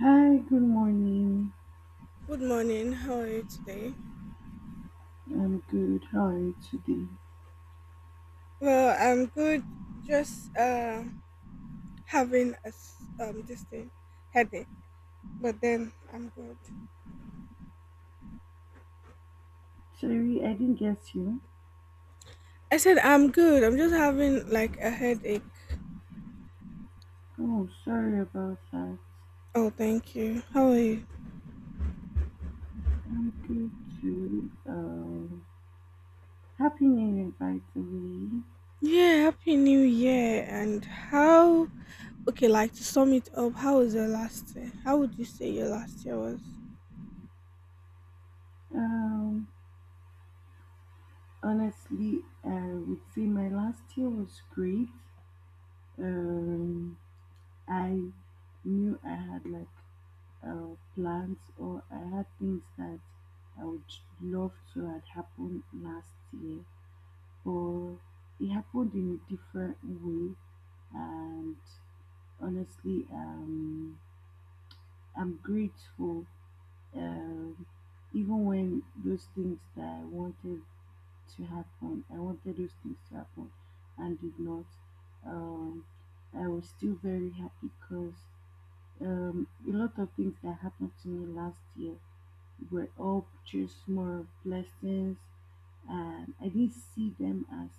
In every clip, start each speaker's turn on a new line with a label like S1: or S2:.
S1: Hi, good morning.
S2: Good morning. How are you today?
S1: I'm good. How are you today?
S2: Well, I'm good. Just having this thing headache, but then I'm good.
S1: Sorry, I didn't get you.
S2: I said I'm good. I'm just having like a headache.
S1: Oh, sorry about that.
S2: Oh, thank you. How are you?
S1: I'm good too. Happy New Year, by the way.
S2: Yeah, happy New Year. And how? Okay, like to sum it up, how was your last year? How would you say your last year was?
S1: Um, honestly, I would say my last year was great. Um, I knew I had like plans or I had things that I would love to had happened last year. But it happened in a different way, and honestly, I'm grateful. Um, even when those things that I wanted to happen, I wanted those things to happen, and did not. Um, I was still very happy because a lot of things that happened to me last year were all just more blessings, and I didn't see them as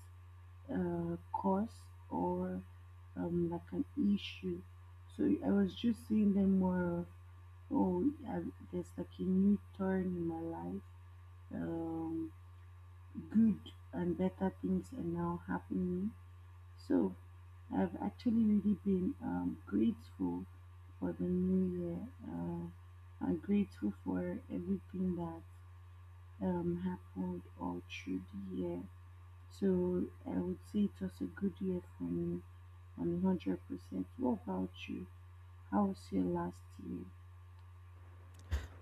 S1: cause or like an issue. So I was just seeing them more of, oh, there's like a new turn in my life. Um, good and better things are now happening. So I've actually really been grateful for the new year. I'm grateful for everything that happened all through the year. So I would say it was a good year for me. I 100%. What about you? How was your last year?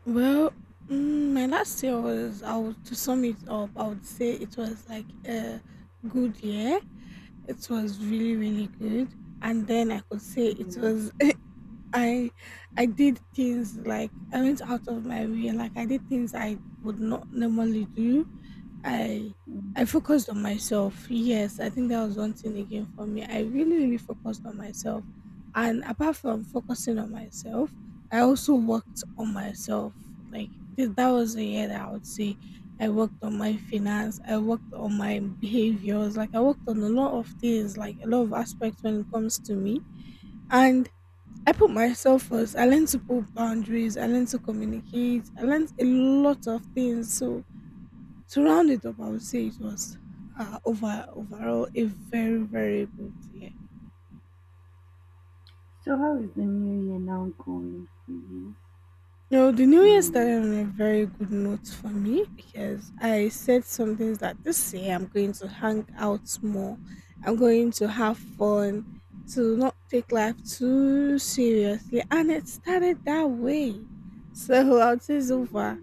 S2: Well, my last year was. I would to sum it up. I would say it was like a good year. It was really, really good. And then I could say it
S1: Um,
S2: was I I did things like I went out of my way, like I did things I would not normally do. I I
S1: um,
S2: focused on myself. Yes, I think that was one thing again for me. I really, really focused on myself. And apart from focusing on myself, I also worked on myself. Like that was a year that I would say I worked on my finance, I worked on my behaviors, like I worked on a lot of things, like a lot of aspects when it comes to me. And I put myself first. I learned to put boundaries. I learned to communicate. I learned a lot of things. So to round it up, I would say it was overall a very, very good year.
S1: so, how is the new year now going for you?
S2: You know, the new year started on a
S1: Um,
S2: very good note for me because I said some things that this year I'm going to hang out more. I'm going to have fun, to not take life too seriously, and it started that way. So I would say so far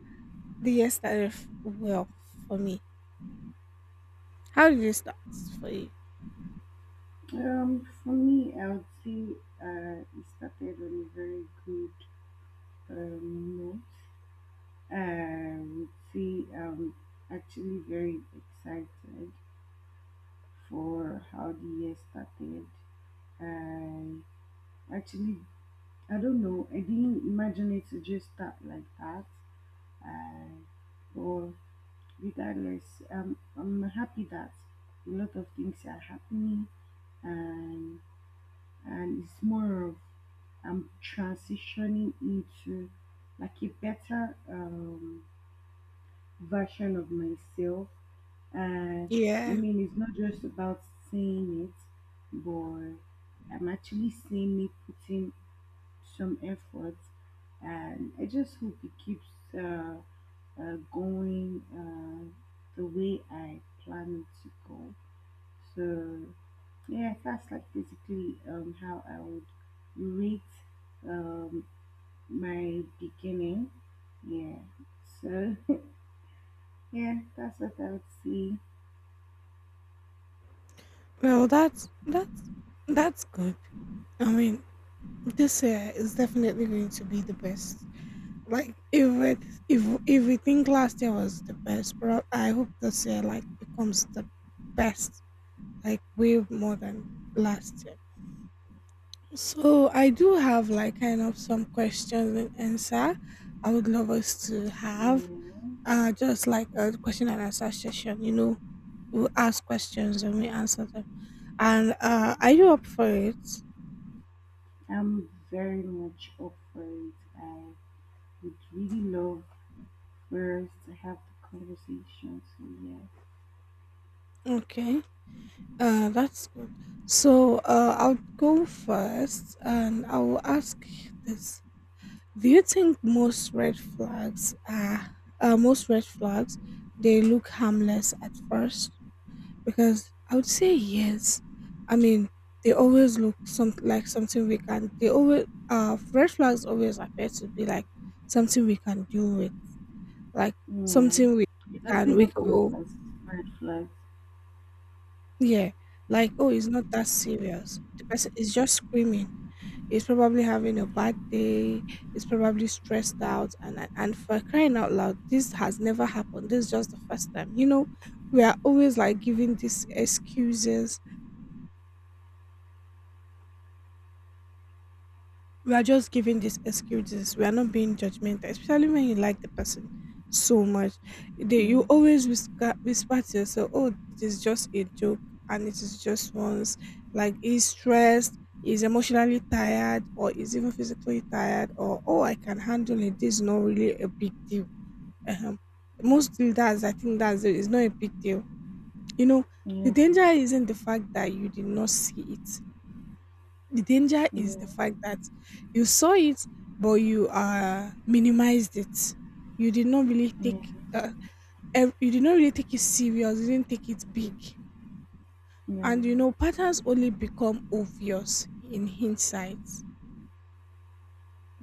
S2: the year started well for me. How did it start for you?
S1: for me, I would say it started on a very good um, note. I would say I'm actually very excited for how the year started. I actually, I don't know, I didn't imagine it to just start like that. uh, or regardless, I'm happy that a lot of things are happening, and and it's more of I'm transitioning into like a better version of myself. And I
S2: Yeah.
S1: mean, it's not just about saying it, but I'm actually seeing me putting some effort, and I just hope it keeps. Uh, going the way I plan to go. So yeah, that's like basically how I would rate um, my beginning. Yeah. So yeah, that's what I would say.
S2: Well, that's that's good. I mean, this year is definitely going to be the best. Like if it, if we think last year was the best, but I hope this year like becomes the best, like way more than last year. So I do have like kind of some questions and answer. I would love us to have
S1: Yeah,
S2: just like a question and answer session. You know, we ask questions and we answer them. And are you up for it?
S1: I'm very much up for it. I would really love for us to have the conversation. So yeah,
S2: Okay, that's good. So I'll go first and I'll ask this. Do you think most red flags are most red flags they look harmless at first? Because I would say yes. I mean, they always look some like something we can. They always red flags always appear to be like something we can deal with, like
S1: yeah.
S2: something we
S1: It doesn't
S2: can we
S1: even
S2: can
S1: come up as red flags.
S2: Yeah, like, oh, it's not that serious. The person is just screaming. He's probably having a bad
S1: Okay.
S2: day. He's probably stressed out. And for crying out loud, this has never happened. This is just the first time. You know, we are always like giving these excuses, we are just giving these excuses. We are not being judgmental, especially when you like the person so much. You
S1: Yeah.
S2: always whisper, whisper to yourself, "Oh, it is just a joke, and it is just once." Like he's stressed, he's emotionally tired, or he's even physically tired, or "Oh, I can handle it. This is not really a big deal." uh Mostly, that's I think that's it. It's not a big deal. You know, the
S1: Yeah.
S2: danger isn't the fact that you did not see it, the danger is
S1: Yeah,
S2: the fact that you saw it, but you minimized it. You did not really
S1: yes,
S2: take you did not really take it serious. You didn't take it big, and you
S1: yeah,
S2: know patterns only become obvious in hindsight.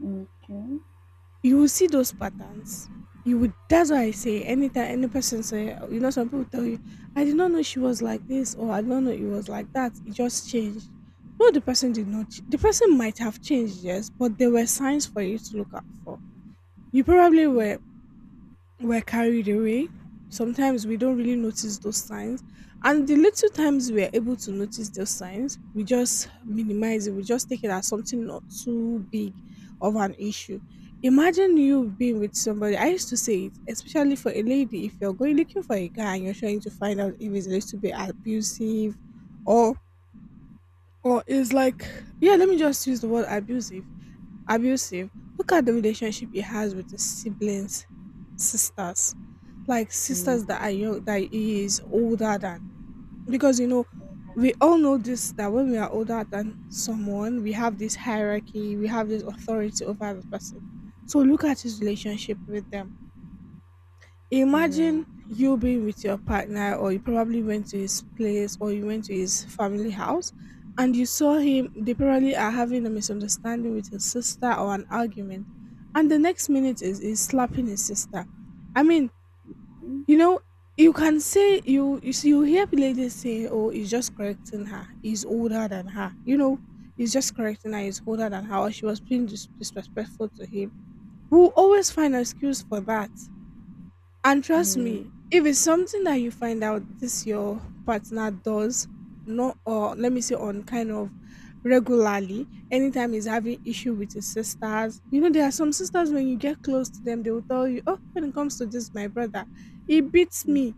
S1: okay,
S2: You will see those patterns. You would. That's why I say anytime any person say you know some people tell you I did not know she was like this or I did not know it was like that. It just changed. No, the person did not. The person might have changed, yes, but there were signs for you to look out for. You probably
S1: yeah,
S2: were carried away. Sometimes we don't really notice those signs. And the little times we are able to notice those signs, we just minimize it. We just take it as something not too big of an issue. Imagine you being with somebody. I used to say it, especially for a lady, if you're going looking for a guy and you're trying to find out if he's a little bit abusive or or is like, yeah, let me just use the word abusive. Abusive. Look at the relationship he has with his siblings, sisters, like
S1: yeah,
S2: sisters that are young, that he is older than. Because you know, we all know this that when we are older than someone, we have this hierarchy, we have this authority over the person. So look at his relationship with them.
S1: yeah,
S2: Imagine you being with your partner, or you probably went to his place, or you went to his family house, and you saw him. They probably are having a misunderstanding with his sister or an argument, and the next minute is slapping his sister. I mean, you know, you can say see, you hear ladies say, "Oh, he's just correcting her. He's older than her." You know, he's just correcting her. He's older than her, or she was being disrespectful to him. We'll always find an excuse for that, and trust
S1: yeah,
S2: me, if it's something that you find out this your partner does, not or let me say on kind of regularly, anytime he's having issue with his sisters, you know, there are some sisters when you get close to them, they will tell you, "Oh, when it comes to this, my brother, he beats me.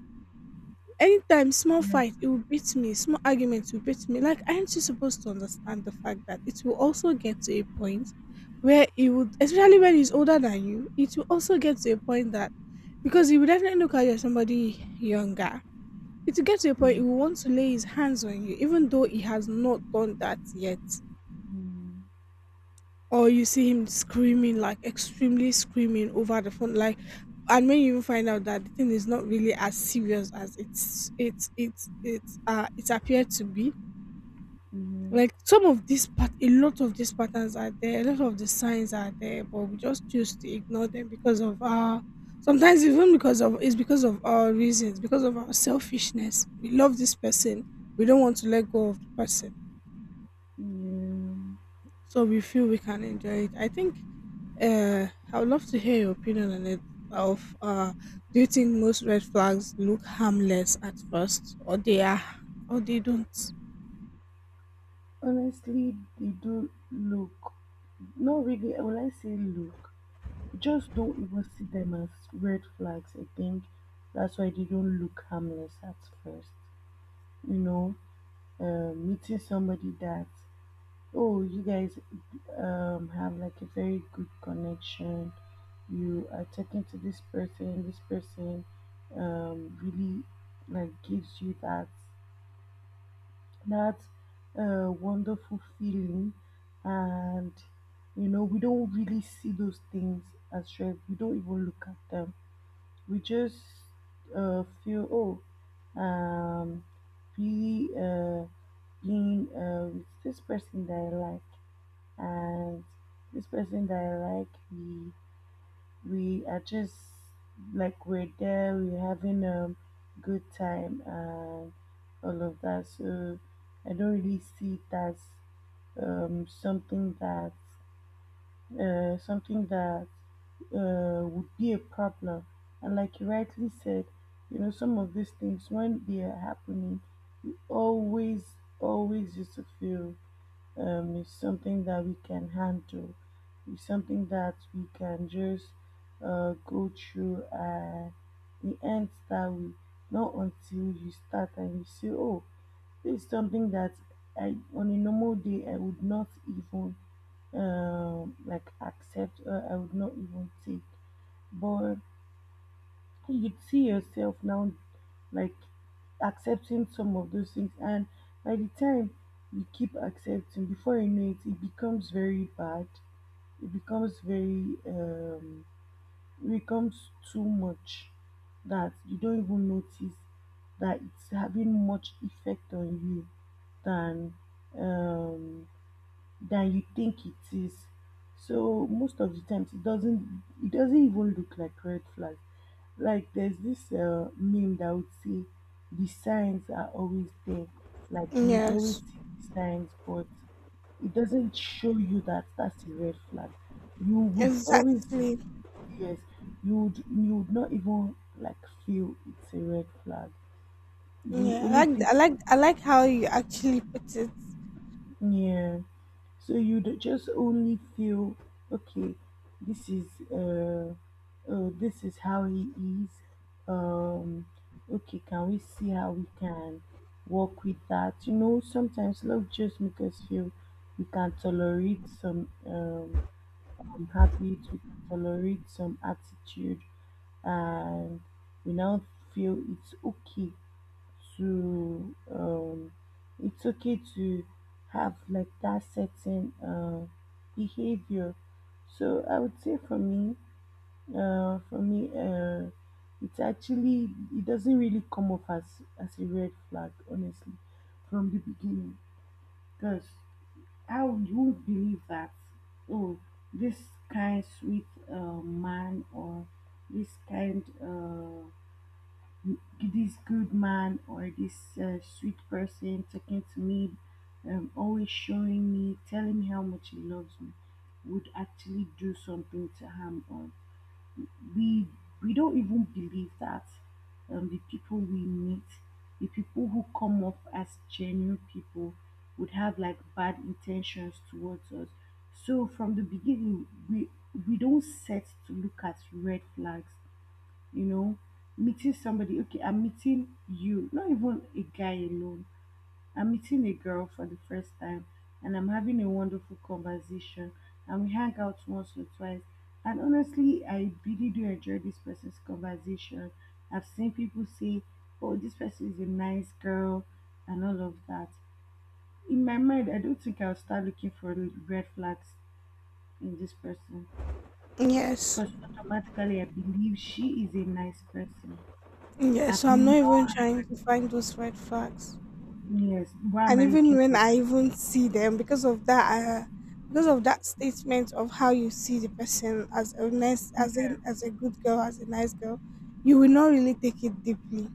S2: Anytime small
S1: yeah,
S2: fight, it will beat me. Small argument will beat me." Like, aren't you supposed to understand the fact that it will also get to a point where it would, especially when he's older than you, it will also get to a point that because he will definitely look at you as somebody younger. It will get to a point
S1: yeah,
S2: he will want to lay his hands on you, even though he has not done that yet, or you see him screaming like extremely screaming over the phone like, and when you even find out that the thing is not really as serious as it appeared to be, like some of these a lot of these patterns are there, a lot of the signs are there, but we just choose to ignore them because of our, sometimes even because of, it's because of our reasons, because of our selfishness, we love this person, we don't want to let go of the person,
S1: yeah.
S2: so we feel we can enjoy it. I think I would love to hear your opinion on it. Of do you think most red flags look harmless at first, or they are, or they don't?
S1: Honestly, they don't look, not really, when I say look, just don't even see them as red flags. I think that's why they don't look harmless at first. You know, meeting somebody that, oh, you guys have like a very good connection. You are talking to this person. This person really like gives you that that wonderful feeling, and you know we don't really see those things as red. We don't even look at them. We just feel oh, really being with this person that I like and this person that I like, we are just like we're there, we're having a good time and all of that. So I don't really see it as something that uh, something that would be a problem. And like you rightly said, you know, some of these things when they are happening, you always used to feel is something that we can handle. It's something that we can just go through. It ends that way. Not until you start and you say, "Oh, this is something that I on a normal day I would not even like accept. Or I would not even take." But you'd see yourself now like accepting some of those things, and by the time you keep accepting before you know it, it becomes very bad, it becomes very it becomes too much, that you don't even notice that it's having much effect on you than um than you think it is. So most of the times it doesn't even look like red flags. Like there's this meme that would say the signs are always there. Like you would always
S2: Yes,
S1: see the signs, but it doesn't show you that that's a red flag. You would always,
S2: exactly.
S1: yes, you would not even like feel it's a red flag. The
S2: Yeah, I
S1: only
S2: like
S1: thing.
S2: I like I like how you actually put it.
S1: Yeah. So you'd just only feel, okay, this is uh, this is how he is. Um, okay, can we see how we can work with that? You know, sometimes love just make us feel we can tolerate some habits, we can tolerate some attitude, and we now feel to um it's okay to have like that certain behavior. So I would say for me, uh, for me, uh, it's actually it doesn't really come off as a red flag, honestly, from the beginning. Because how you would believe that, oh, this kind sweet man or this kind. This good man or this sweet person talking to me, always showing me, telling me how much he loves me, would actually do something to harm us. We we don't even believe that the people we meet, the people who come off as genuine people, would have like bad intentions towards us. So from the beginning, we don't set to look at red flags. You know, meeting somebody, okay, I'm meeting you, not even a guy alone, I'm meeting a girl for the first time, and I'm having a wonderful conversation, and we hang out once or twice, and honestly I really do enjoy this person's conversation. I've seen people say, oh, this person is a nice girl, and all of that. In my mind, I don't think I'll start looking for red flags in this person,
S2: Yes,
S1: because automatically I believe she is a nice person.
S2: yes.
S1: I've
S2: So I'm not even
S1: not
S2: trying to find those red flags.
S1: Yes, what am
S2: And
S1: I
S2: even
S1: looking
S2: when
S1: for?
S2: I even see them because of that statement of how you see the person as a nice, as a,
S1: Yeah,
S2: as a good girl, as a nice girl, you will not really take it deeply.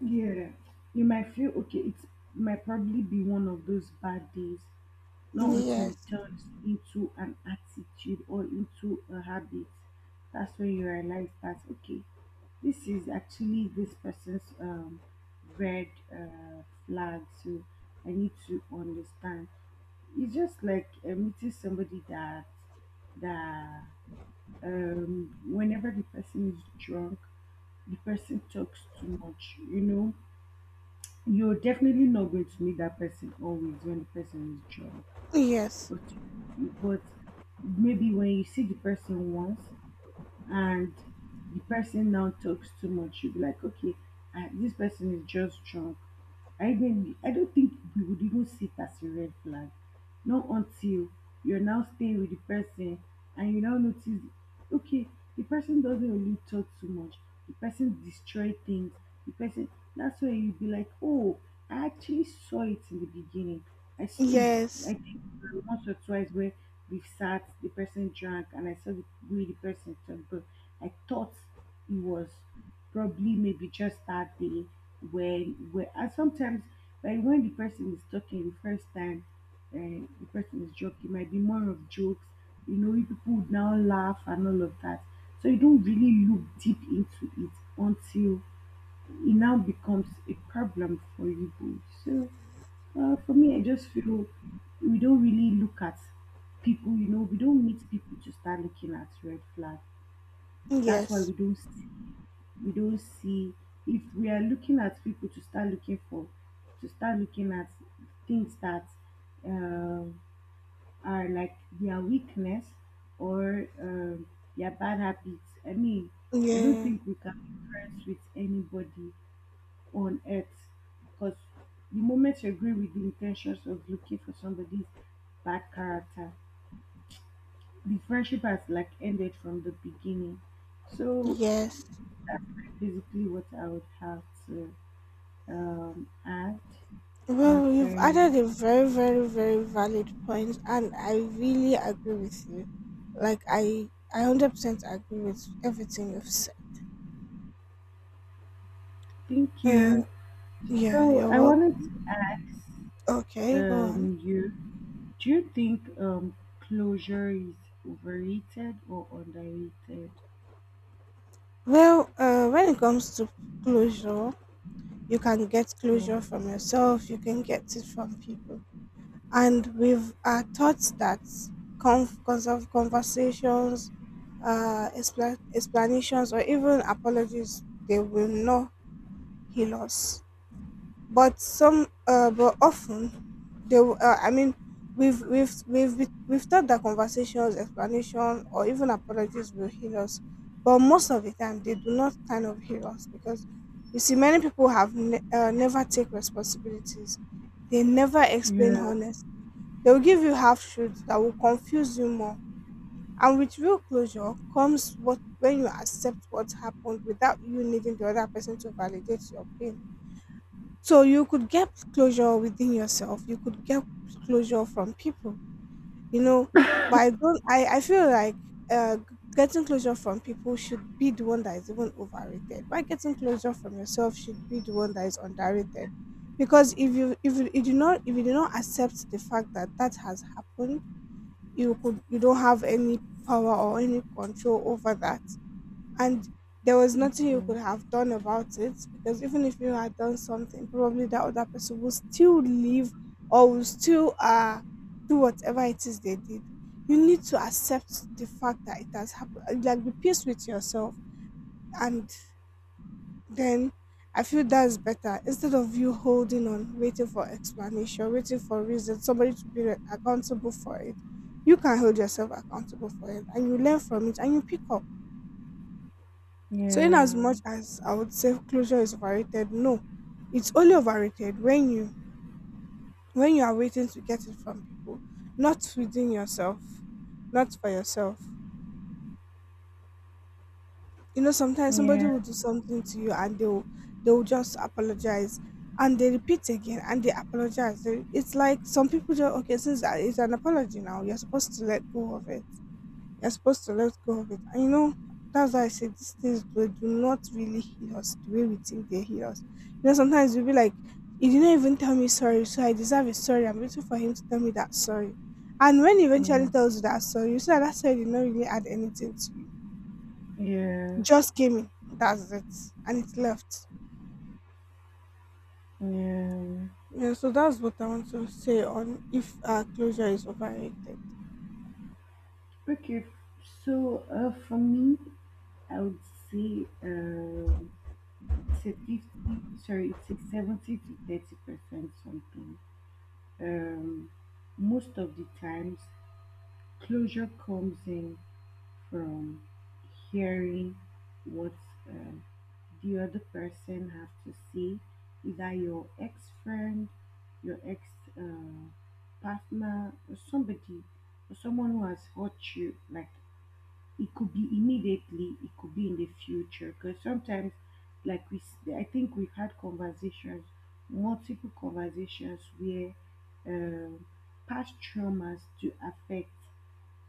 S1: yeah. You might feel okay, it might probably be one of those bad days, not until it
S2: Yes.
S1: turns into an attitude or into a habit. That's when you realize that, okay, this is actually this person's red flag, so I need to understand. It's just like meeting somebody that that whenever the person is drunk, the person talks too much. You know, you're definitely not going to meet that person always when the person is drunk.
S2: Yes.
S1: But but maybe when you see the person once and the person now talks too much, you'll be like, okay, this person is just drunk. I don't think we would even see it as a red flag, not until you're now staying with the person and you now notice, okay, the person doesn't really talk too much, the person destroy things, the person. That's where you would be like, oh, I actually saw it in the beginning. I saw,
S2: Yes.
S1: I think, once or twice where we've sat, the person drank, and I saw the way the person talked, but I thought it was probably maybe just that day when, where, and sometimes like when the person is talking the first time, the person is joking, might be more of jokes. You know, you people would now laugh and all of that. So you don't really look deep into it until it now becomes a problem for Igbo. So for me, I just feel we don't really look at people. You know, we don't meet people to start looking at red flag. That's why
S2: Yes.
S1: we don't see if we are looking at people to start looking for to start looking at things that uh, are like their weakness or their bad habits. I mean, I don't
S2: Yeah.
S1: think we can be friends with anybody on earth, because the moment you agree with the intentions of looking for somebody's bad character, the friendship has like ended from the beginning. So
S2: Yes.
S1: that's basically what I would have to add
S2: Well, you've
S1: concerning.
S2: added a very, very, very valid point and I really agree with you. like i I 100% agree with everything you've said.
S1: Thank
S2: uh
S1: you.
S2: yeah,
S1: So
S2: you're
S1: I wanted
S2: welcome.
S1: to ask
S2: Okay, go on.
S1: you, do you think closure is overrated or underrated?
S2: Well, when it comes to closure, you can get
S1: Yeah.
S2: closure from yourself, you can get it from people. And we've are taught that conf- cons- of conversations, explanations, or even apologies, they will not heal us, but some but often they w- I mean we've we've thought that conversations, explanation or even apologies will heal us, but most of the time they do not kind of heal us because you see many people have never take responsibilities, they never explain
S1: Yeah.
S2: honestly, they will give you half truths that will confuse you more. And with real closure comes what when you accept what happened without you needing the other person to validate your pain. So you could get closure within yourself. You could get closure from people, you know. But I don't. I feel like uh, getting closure from people should be the one that is even overrated. Why getting closure from yourself should be the one that is underrated, because if you do not accept the fact that that has happened, you don't have any power or any control over that, and there was nothing you could
S1: Yeah.
S2: have done about it because even if you had done something, probably that other person will still leave or will still do whatever it is they did. You need to accept the fact that it has happened, like be peace with yourself, and then, I feel that's better instead of you holding on waiting for explanation, waiting for reason, somebody to be accountable for it. You can hold yourself accountable for it and you learn from it and you pick up. So in as
S1: Yeah.
S2: much as I would say closure is overrated, no, it's only overrated when you, when you are waiting to get it from people, not within yourself, not for yourself. You know, sometimes somebody
S1: Yeah,
S2: will do something to you and they'll just apologize, and they repeat again and they apologize. It's like some people just, okay, since that it's an apology now, you're supposed to let go of it. You're supposed to let go of it. And you know, that's why I say these things do, do not really heal us the way we think they heal us. You know, sometimes you'll be like, he didn't even tell me sorry, so I deserve a sorry. I'm waiting for him to tell me that sorry. And when he
S1: yeah,
S2: eventually tells you that sorry, you see that that sorry did not really add anything to you.
S1: yes,
S2: Just came in. That's it. And it left.
S1: yeah.
S2: Yeah, so that's what I want to say on if closure is overrated.
S1: Okay, so for me, I would say it's a 50, sorry, it's a 70 to 30% something. Um, most of the times, closure comes in from hearing what um, the other person have to say, either your ex-friend, your ex-partner, or somebody, or someone who has hurt you. Like it could be immediately, it could be in the future. Because sometimes, like I think we've had conversations, multiple conversations where um, past traumas do affect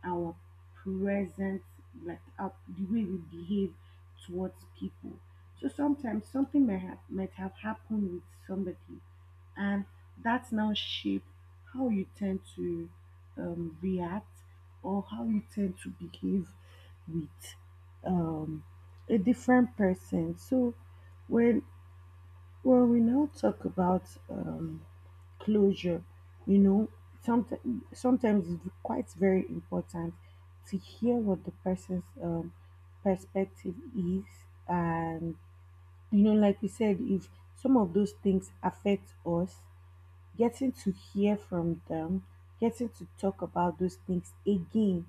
S1: our presence, like up the way we behave towards people. So sometimes something may have might have happened with somebody, and that's now shape how you tend to react or how you tend to behave with um, a different person. So when when we now talk about closure, you know, sometimes, it's quite very important to hear what the person's perspective is. And, you know, like you said, if some of those things affect us, getting to hear from them, getting to talk about those things again,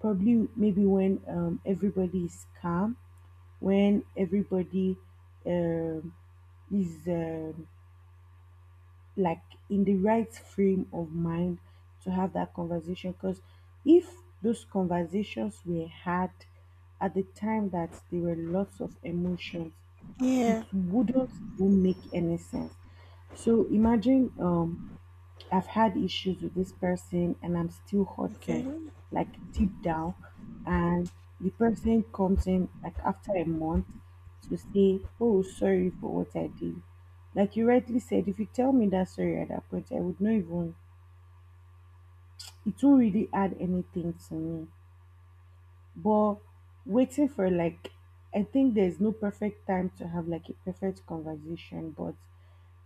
S1: probably maybe when everybody is calm, when everybody um, is um, like in the right frame of mind to have that conversation. Because if those conversations were had at the time that there were lots of emotions, it
S2: Yeah.
S1: wouldn't even make any sense. So imagine, I've had issues with this person and I'm still hurting,
S2: Okay.
S1: like deep down. And the person comes in like after a month to say, "Oh, sorry for what I did." Like you rightly said, if you tell me that sorry at that point, I would not even it won't really add anything to me. But waiting for, like, I think there's no perfect time to have like a perfect conversation, but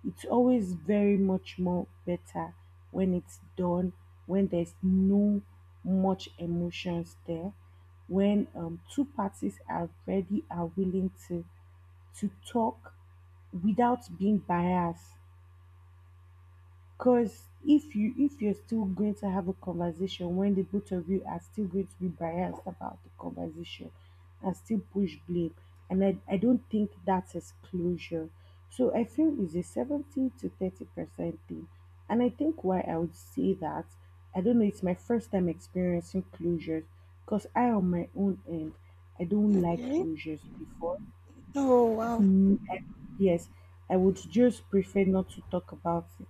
S1: it's always very much more better when it's done, when there's no much emotions there, when two parties are ready, are willing to talk without being biased. Because if you're still going to have a conversation when the both of you are still going to be biased about the conversation and still push blame, and I don't think that's exclusion. So I feel it's a 70 to 30% thing. And I think why I would say that, I don't know, it's my first time experiencing closures because I, on my own end, I don't like
S2: Okay.
S1: closures before.
S2: Oh,
S1: I've,
S2: wow.
S1: n- I- yes, I would just prefer not to talk about it,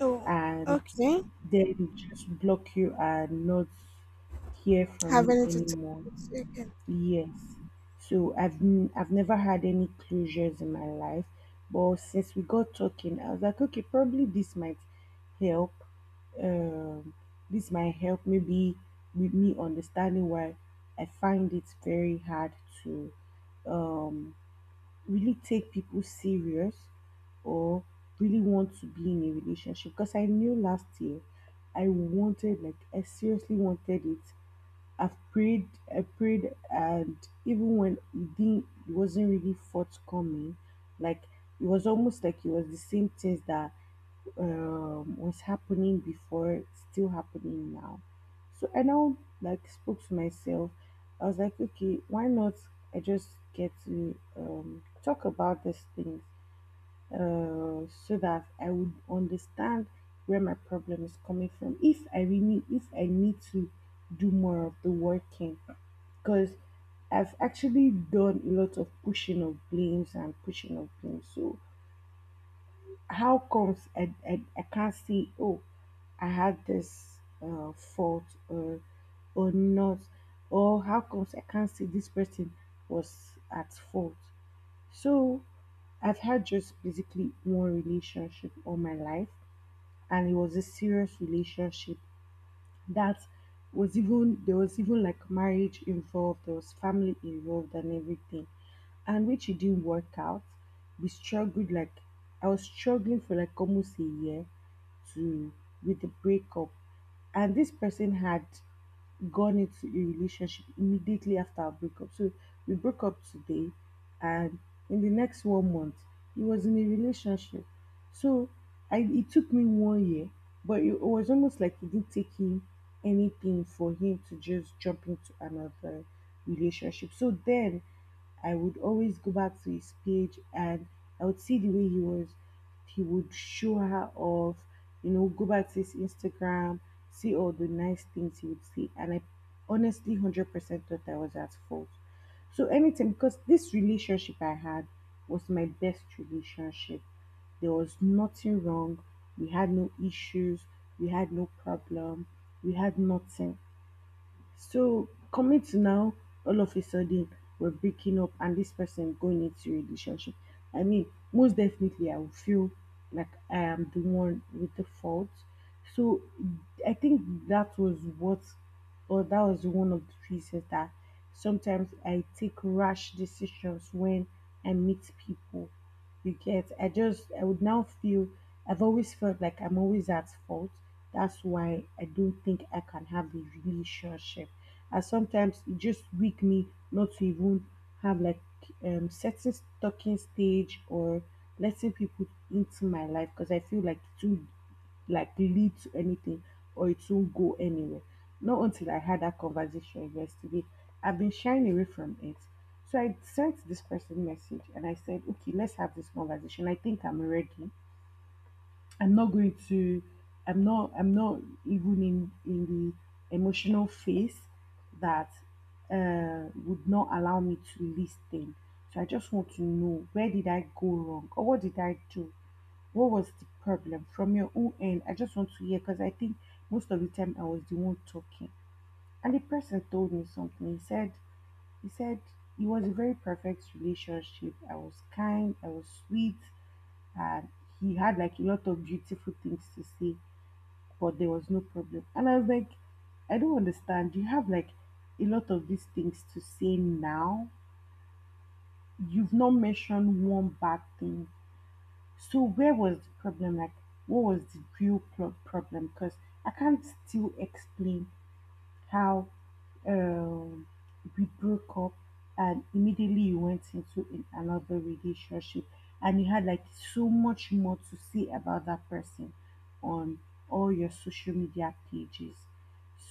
S2: Oh.
S1: and
S2: Okay.
S1: they just block you and not hear from
S2: Have
S1: you
S2: anything to
S1: anymore.
S2: say again.
S1: Yes. So I've never had any closures in my life, but since we got talking, I was like, okay, probably this might help. Um, this might help maybe with me understanding why I find it very hard to um really take people serious, or really want to be in a relationship. Because I knew last year I wanted, like, I seriously wanted it. I've prayed, I prayed, and even when it didn't, it wasn't really forthcoming. Like, it was almost like it was the same things that was happening before it's still happening now. So I now, like, spoke to myself. I was like, okay, why not? I just get to talk about these things, so that I would understand where my problem is coming from. If I really, if I need to do more of the working. Because I've actually done a lot of pushing of blames and pushing of blames. So how comes I can't see, oh, I had this fault or not, or how comes I can't see this person was at fault. So I've had just basically one relationship all my life, and it was a serious relationship that was even there was even like marriage involved, there was family involved and everything. And which it didn't work out. We struggled, like, I was struggling for like almost a year to, with the breakup. And this person had gone into a relationship immediately after our breakup. So we broke up today, and in the next 1 month, he was in a relationship. So I, it took me 1 year, but it was almost like it didn't take him anything for him to just jump into another relationship. So then I would always go back to his page, and I would see the way he was, he would show her off, you know, go back to his Instagram, see all the nice things he would see. And I honestly 100% thought I was at fault. So anytime, because this relationship I had was my best relationship. There was nothing wrong. We had no issues. We had no problem. We had nothing. So coming to now, all of a sudden we're breaking up and this person going into a relationship. I mean, most definitely I will feel like I am the one with the fault. So I think that was what, or that was one of the reasons that sometimes I take rash decisions when I meet people. You get? I just, I would now feel, I've always felt like I'm always at fault. That's why I don't think I can have a relationship. And sometimes it just weak me not to even have, like, setting talking stage, or letting people into my life, because I feel like too, like, lead to anything or it won't go anywhere. Not until I had that conversation yesterday. I've been shying away from it. So I sent this person message and I said, okay, let's have this conversation. I think I'm ready. I'm not going to I'm not even in the emotional phase that would not allow me to listen. So I just want to know, where did I go wrong, or what did I do, what was the problem from your own end? I just want to hear, because I think most of the time I was the one talking. And the person told me something. He said it was a very perfect relationship. I was kind, I was sweet, and he had like a lot of beautiful things to say, but there was no problem. And I was like, I don't understand. You have like a lot of these things to say now. You've not mentioned one bad thing. So where was the problem? Like, what was the real problem? Because I can't still explain how, um, we broke up and immediately you went into in another relationship, and you had like so much more to say about that person on all your social media pages.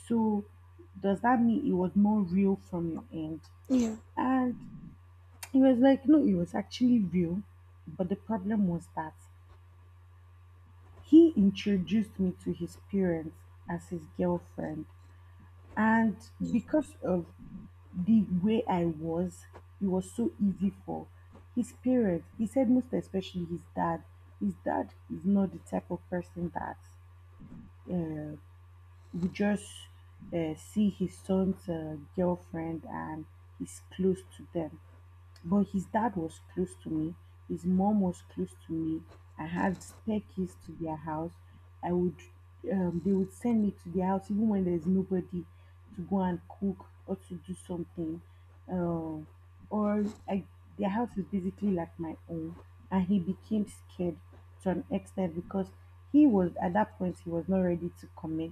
S1: So does that mean it was more real from your end?
S2: Yeah.
S1: And it was like, no, it was actually real, but the problem was that he introduced me to his parents as his girlfriend. And
S2: y-
S1: because of the way I was, it was so easy for his parents. He said, most especially his dad. His dad is not the type of person that uh, would just see his son's girlfriend and is close to them. But his dad was close to me, his mom was close to me. I had spare keys to their house. I would, they would send me to their house even when there's nobody, to go and cook or to do something. Um, or I, their house is basically like my own, and he became scared to an extent because he was at that point he was not ready to commit.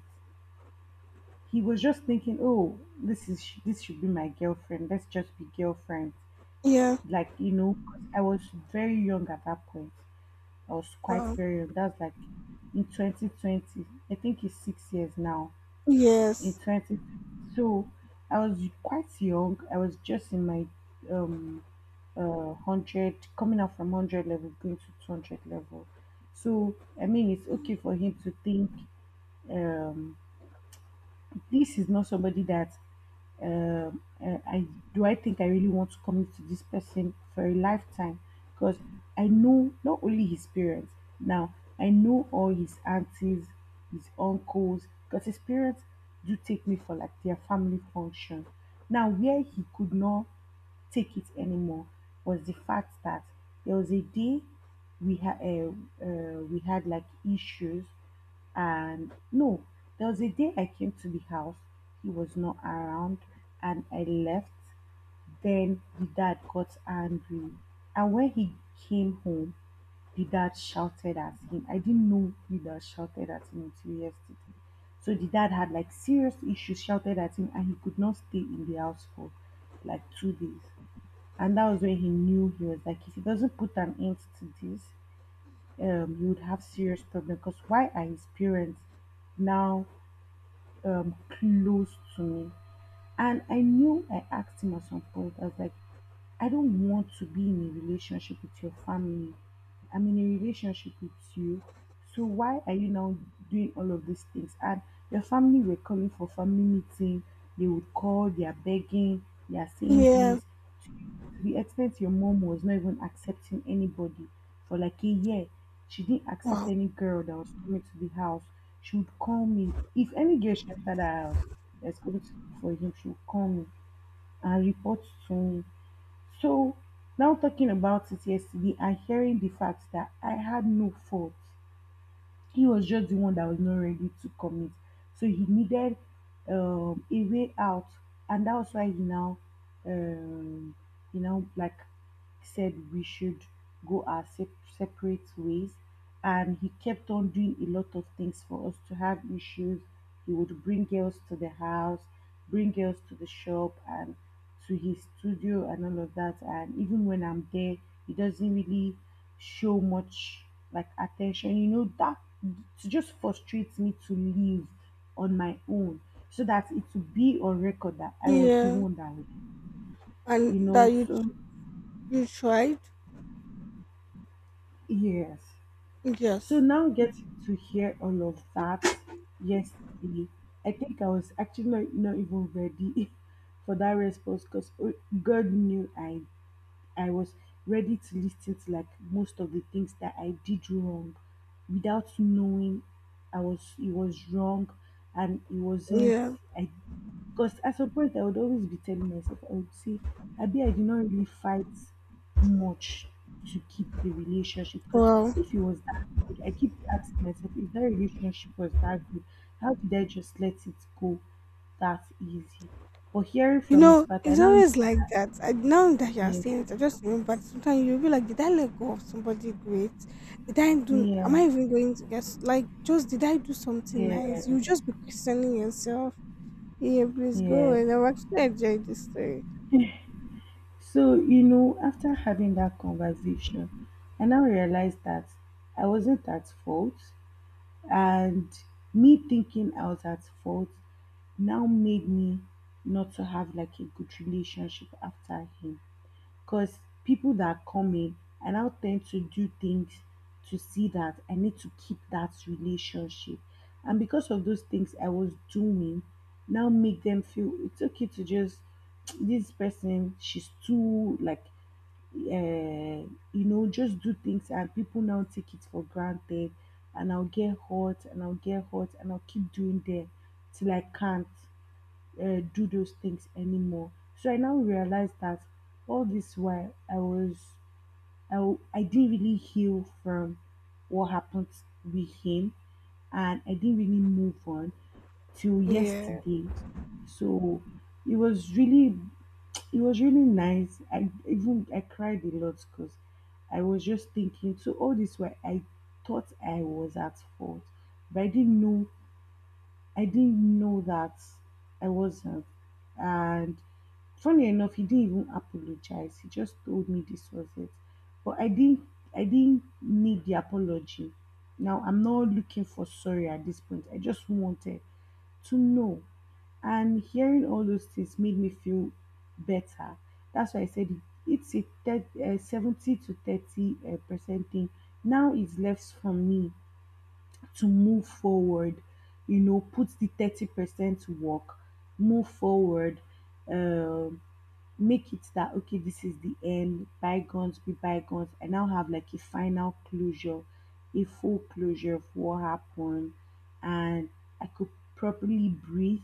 S1: He was just thinking, "Oh, this is, this should be my girlfriend. Let's just be girlfriends."
S2: Yeah.
S1: Like, you know, 'cause I was very young at that point. I was quite
S2: Wow.
S1: very young. That's like in 2020. I think it's 6 years now. In
S2: Yes.
S1: 20, so I was quite young. I was just in my um hundred, coming out from hundred level, going to 200 level. So I mean, it's okay for him to think, um this is not somebody that uh, I do, I think I really want to commit to this person for a lifetime. Because I know not only his parents, now I know all his aunties, his uncles, because his parents do take me for like their family function. Now where he could not take it anymore was the fact that there was a day we had uh, we had like issues, and, no, there was a day I came to the house, he was not around, and I left. Then the dad got angry. And when he came home, the dad shouted at him. I didn't know the dad shouted at him until yesterday. So the dad had like serious issues, shouted at him, and he could not stay in the house for like 2 days. And that was when he knew, he was like, if he doesn't put an end to this, you would have serious problem. Because why are his parents now close to me? And I knew, I asked him at some point, I was like, I don't want to be in a relationship with your family. I'm in a relationship with you. So why are you now doing all of these things? And your family were calling for family meeting. They would call, they are begging, they are saying
S2: Yeah.
S1: this. To the extent your mom was not even accepting anybody for like a year. She didn't accept
S2: Wow.
S1: any girl that was coming to the house. She would call me. If any girl she entered her house that's coming to look for him, she would call me and report to me. So now talking about it yesterday, and hearing the fact that I had no fault. He was just the one that was not ready to commit. So he needed a way out, and that was why he now um, you know like said we should go our sep- separate ways. And he kept on doing a lot of things for us to have issues. He would bring girls to the house, bring girls to the shop and to his studio and all of that. And even when I'm there, he doesn't really show much like attention, you know, that it just frustrates me to live on my own, so that it would be on record that I was the
S2: Yeah.
S1: one that,
S2: And that you
S1: so,
S2: you tried?
S1: yes. So
S2: Yes.
S1: now getting to hear all of that yesterday, I think I was actually not even ready for that response because God knew I was ready to listen. It, like, most of the things that I did wrong without knowing I was, it was wrong, and it wasn't.
S2: Yeah.
S1: I, because at some point I would always be telling myself, I would say, Abi, I did not really fight much to keep the relationship. Because
S2: Well,
S1: if it was that good, I keep asking myself, if that relationship was that good, how did I just let it go that easy? But hearing
S2: you
S1: from his
S2: know,
S1: part, I
S2: it's
S1: now,
S2: always like that. I, now that you are
S1: yeah,
S2: saying it, I just remember sometimes you'll be like, did I let go of somebody great? Did I do am I
S1: yeah,
S2: even going to guess like, just did I do something nice?
S1: yes,
S2: You just be questioning yourself. Yeah, please go
S1: yes.
S2: and I'm actually enjoying this story.
S1: So, you know, after having that conversation, I now realized that I wasn't at fault. And me thinking I was at fault now made me not to have like a good relationship after him, because people that come in, I now tend to do things to see that I need to keep that relationship. And because of those things I was doing, now make them feel it's okay to just this person, she's too like, you know, just do things, and people now take it for granted. And I'll get hot, and I'll get hot, and I'll keep doing them till I can't do those things anymore. So I now realize that all this while I was, I didn't really heal from what happened with him, and I didn't really move on till
S2: Yeah.
S1: yesterday. So it was really, it was really nice. I even, I cried a lot because I was just thinking, so all this while, I thought I was at fault, but I didn't know. I didn't know that I wasn't. And funny enough, he didn't even apologize. He just told me this was it. But I didn't. I didn't need the apology. Now I'm not looking for sorry at this point. I just wanted to know. And hearing all those things made me feel better. That's why I said it's a 70 to 30 percent thing. Now it's left for me to move forward, you know, put the 30% to work, move forward, um, make it that okay, this is the end, bygones be bygones. I now have like a final closure, a full closure of what happened, and I could properly breathe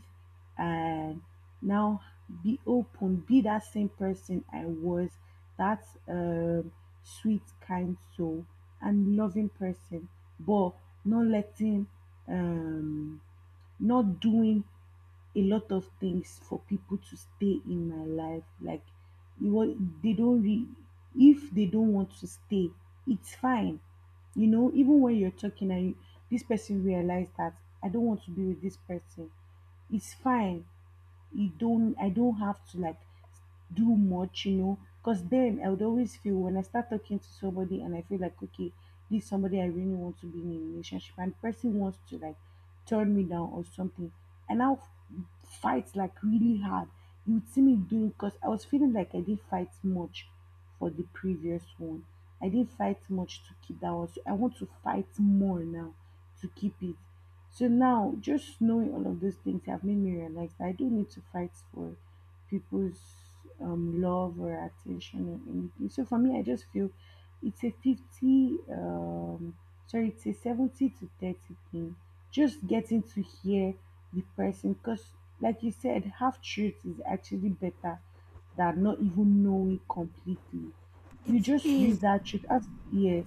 S1: and now be open, be that same person I was, that sweet, kind soul and loving person, but not letting, um not doing a lot of things for people to stay in my life. Like, you want, they don't re if they don't want to stay, it's fine. You know, even when you're talking and you, this person realized that I don't want to be with this person, it's fine. You don't, I don't have to, like, do much, you know, because then I would always feel when I start talking to somebody and I feel like, okay, this is somebody I really want to be in a relationship, and the person wants to, like, turn me down or something. And fight like really hard. You would see me doing, because I was feeling like I didn't fight much for the previous one. I didn't fight much to keep that one. So I want to fight more now to keep it. So now, just knowing all of those things have made me realize that I don't need to fight for people's love or attention or anything. So for me, I just feel it's a 50, um, sorry, it's a 70 to 30 thing. Just getting to hear the person, because, like you said, half truth is actually better than not even knowing completely. You
S2: It
S1: just
S2: is.
S1: use that truth as, yes,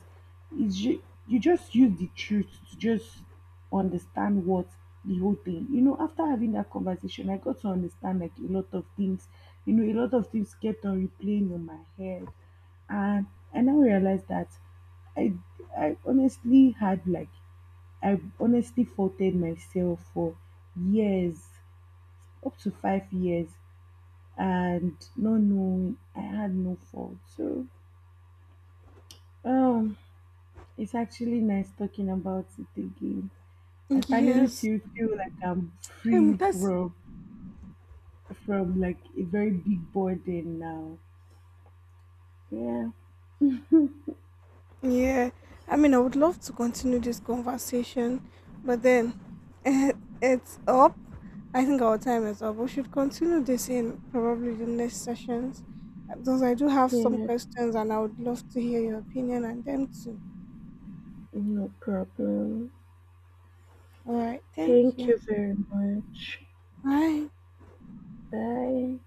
S1: it's you, you just use the truth to just understand what the whole thing. You know, after having that conversation, I got to understand like a lot of things. You know, a lot of things kept on replaying in my head, and I now realized that I I honestly had, like, I honestly faulted myself for years, up to 5 years, and not knowing I had no fault. So um, it's actually nice talking about it again. I finally
S2: Yes,
S1: feel like I'm free
S2: that's
S1: from like a very big burden now. Yeah,
S2: yeah. I mean, I would love to continue this conversation, but then eh, it's up. I think our time is up. We should continue this in probably the next sessions because I do have some
S1: yeah,
S2: questions and I would love to hear your opinion on them too.
S1: no problem.
S2: All right, thank
S1: Thank
S2: you.
S1: you very much.
S2: Bye.
S1: Bye.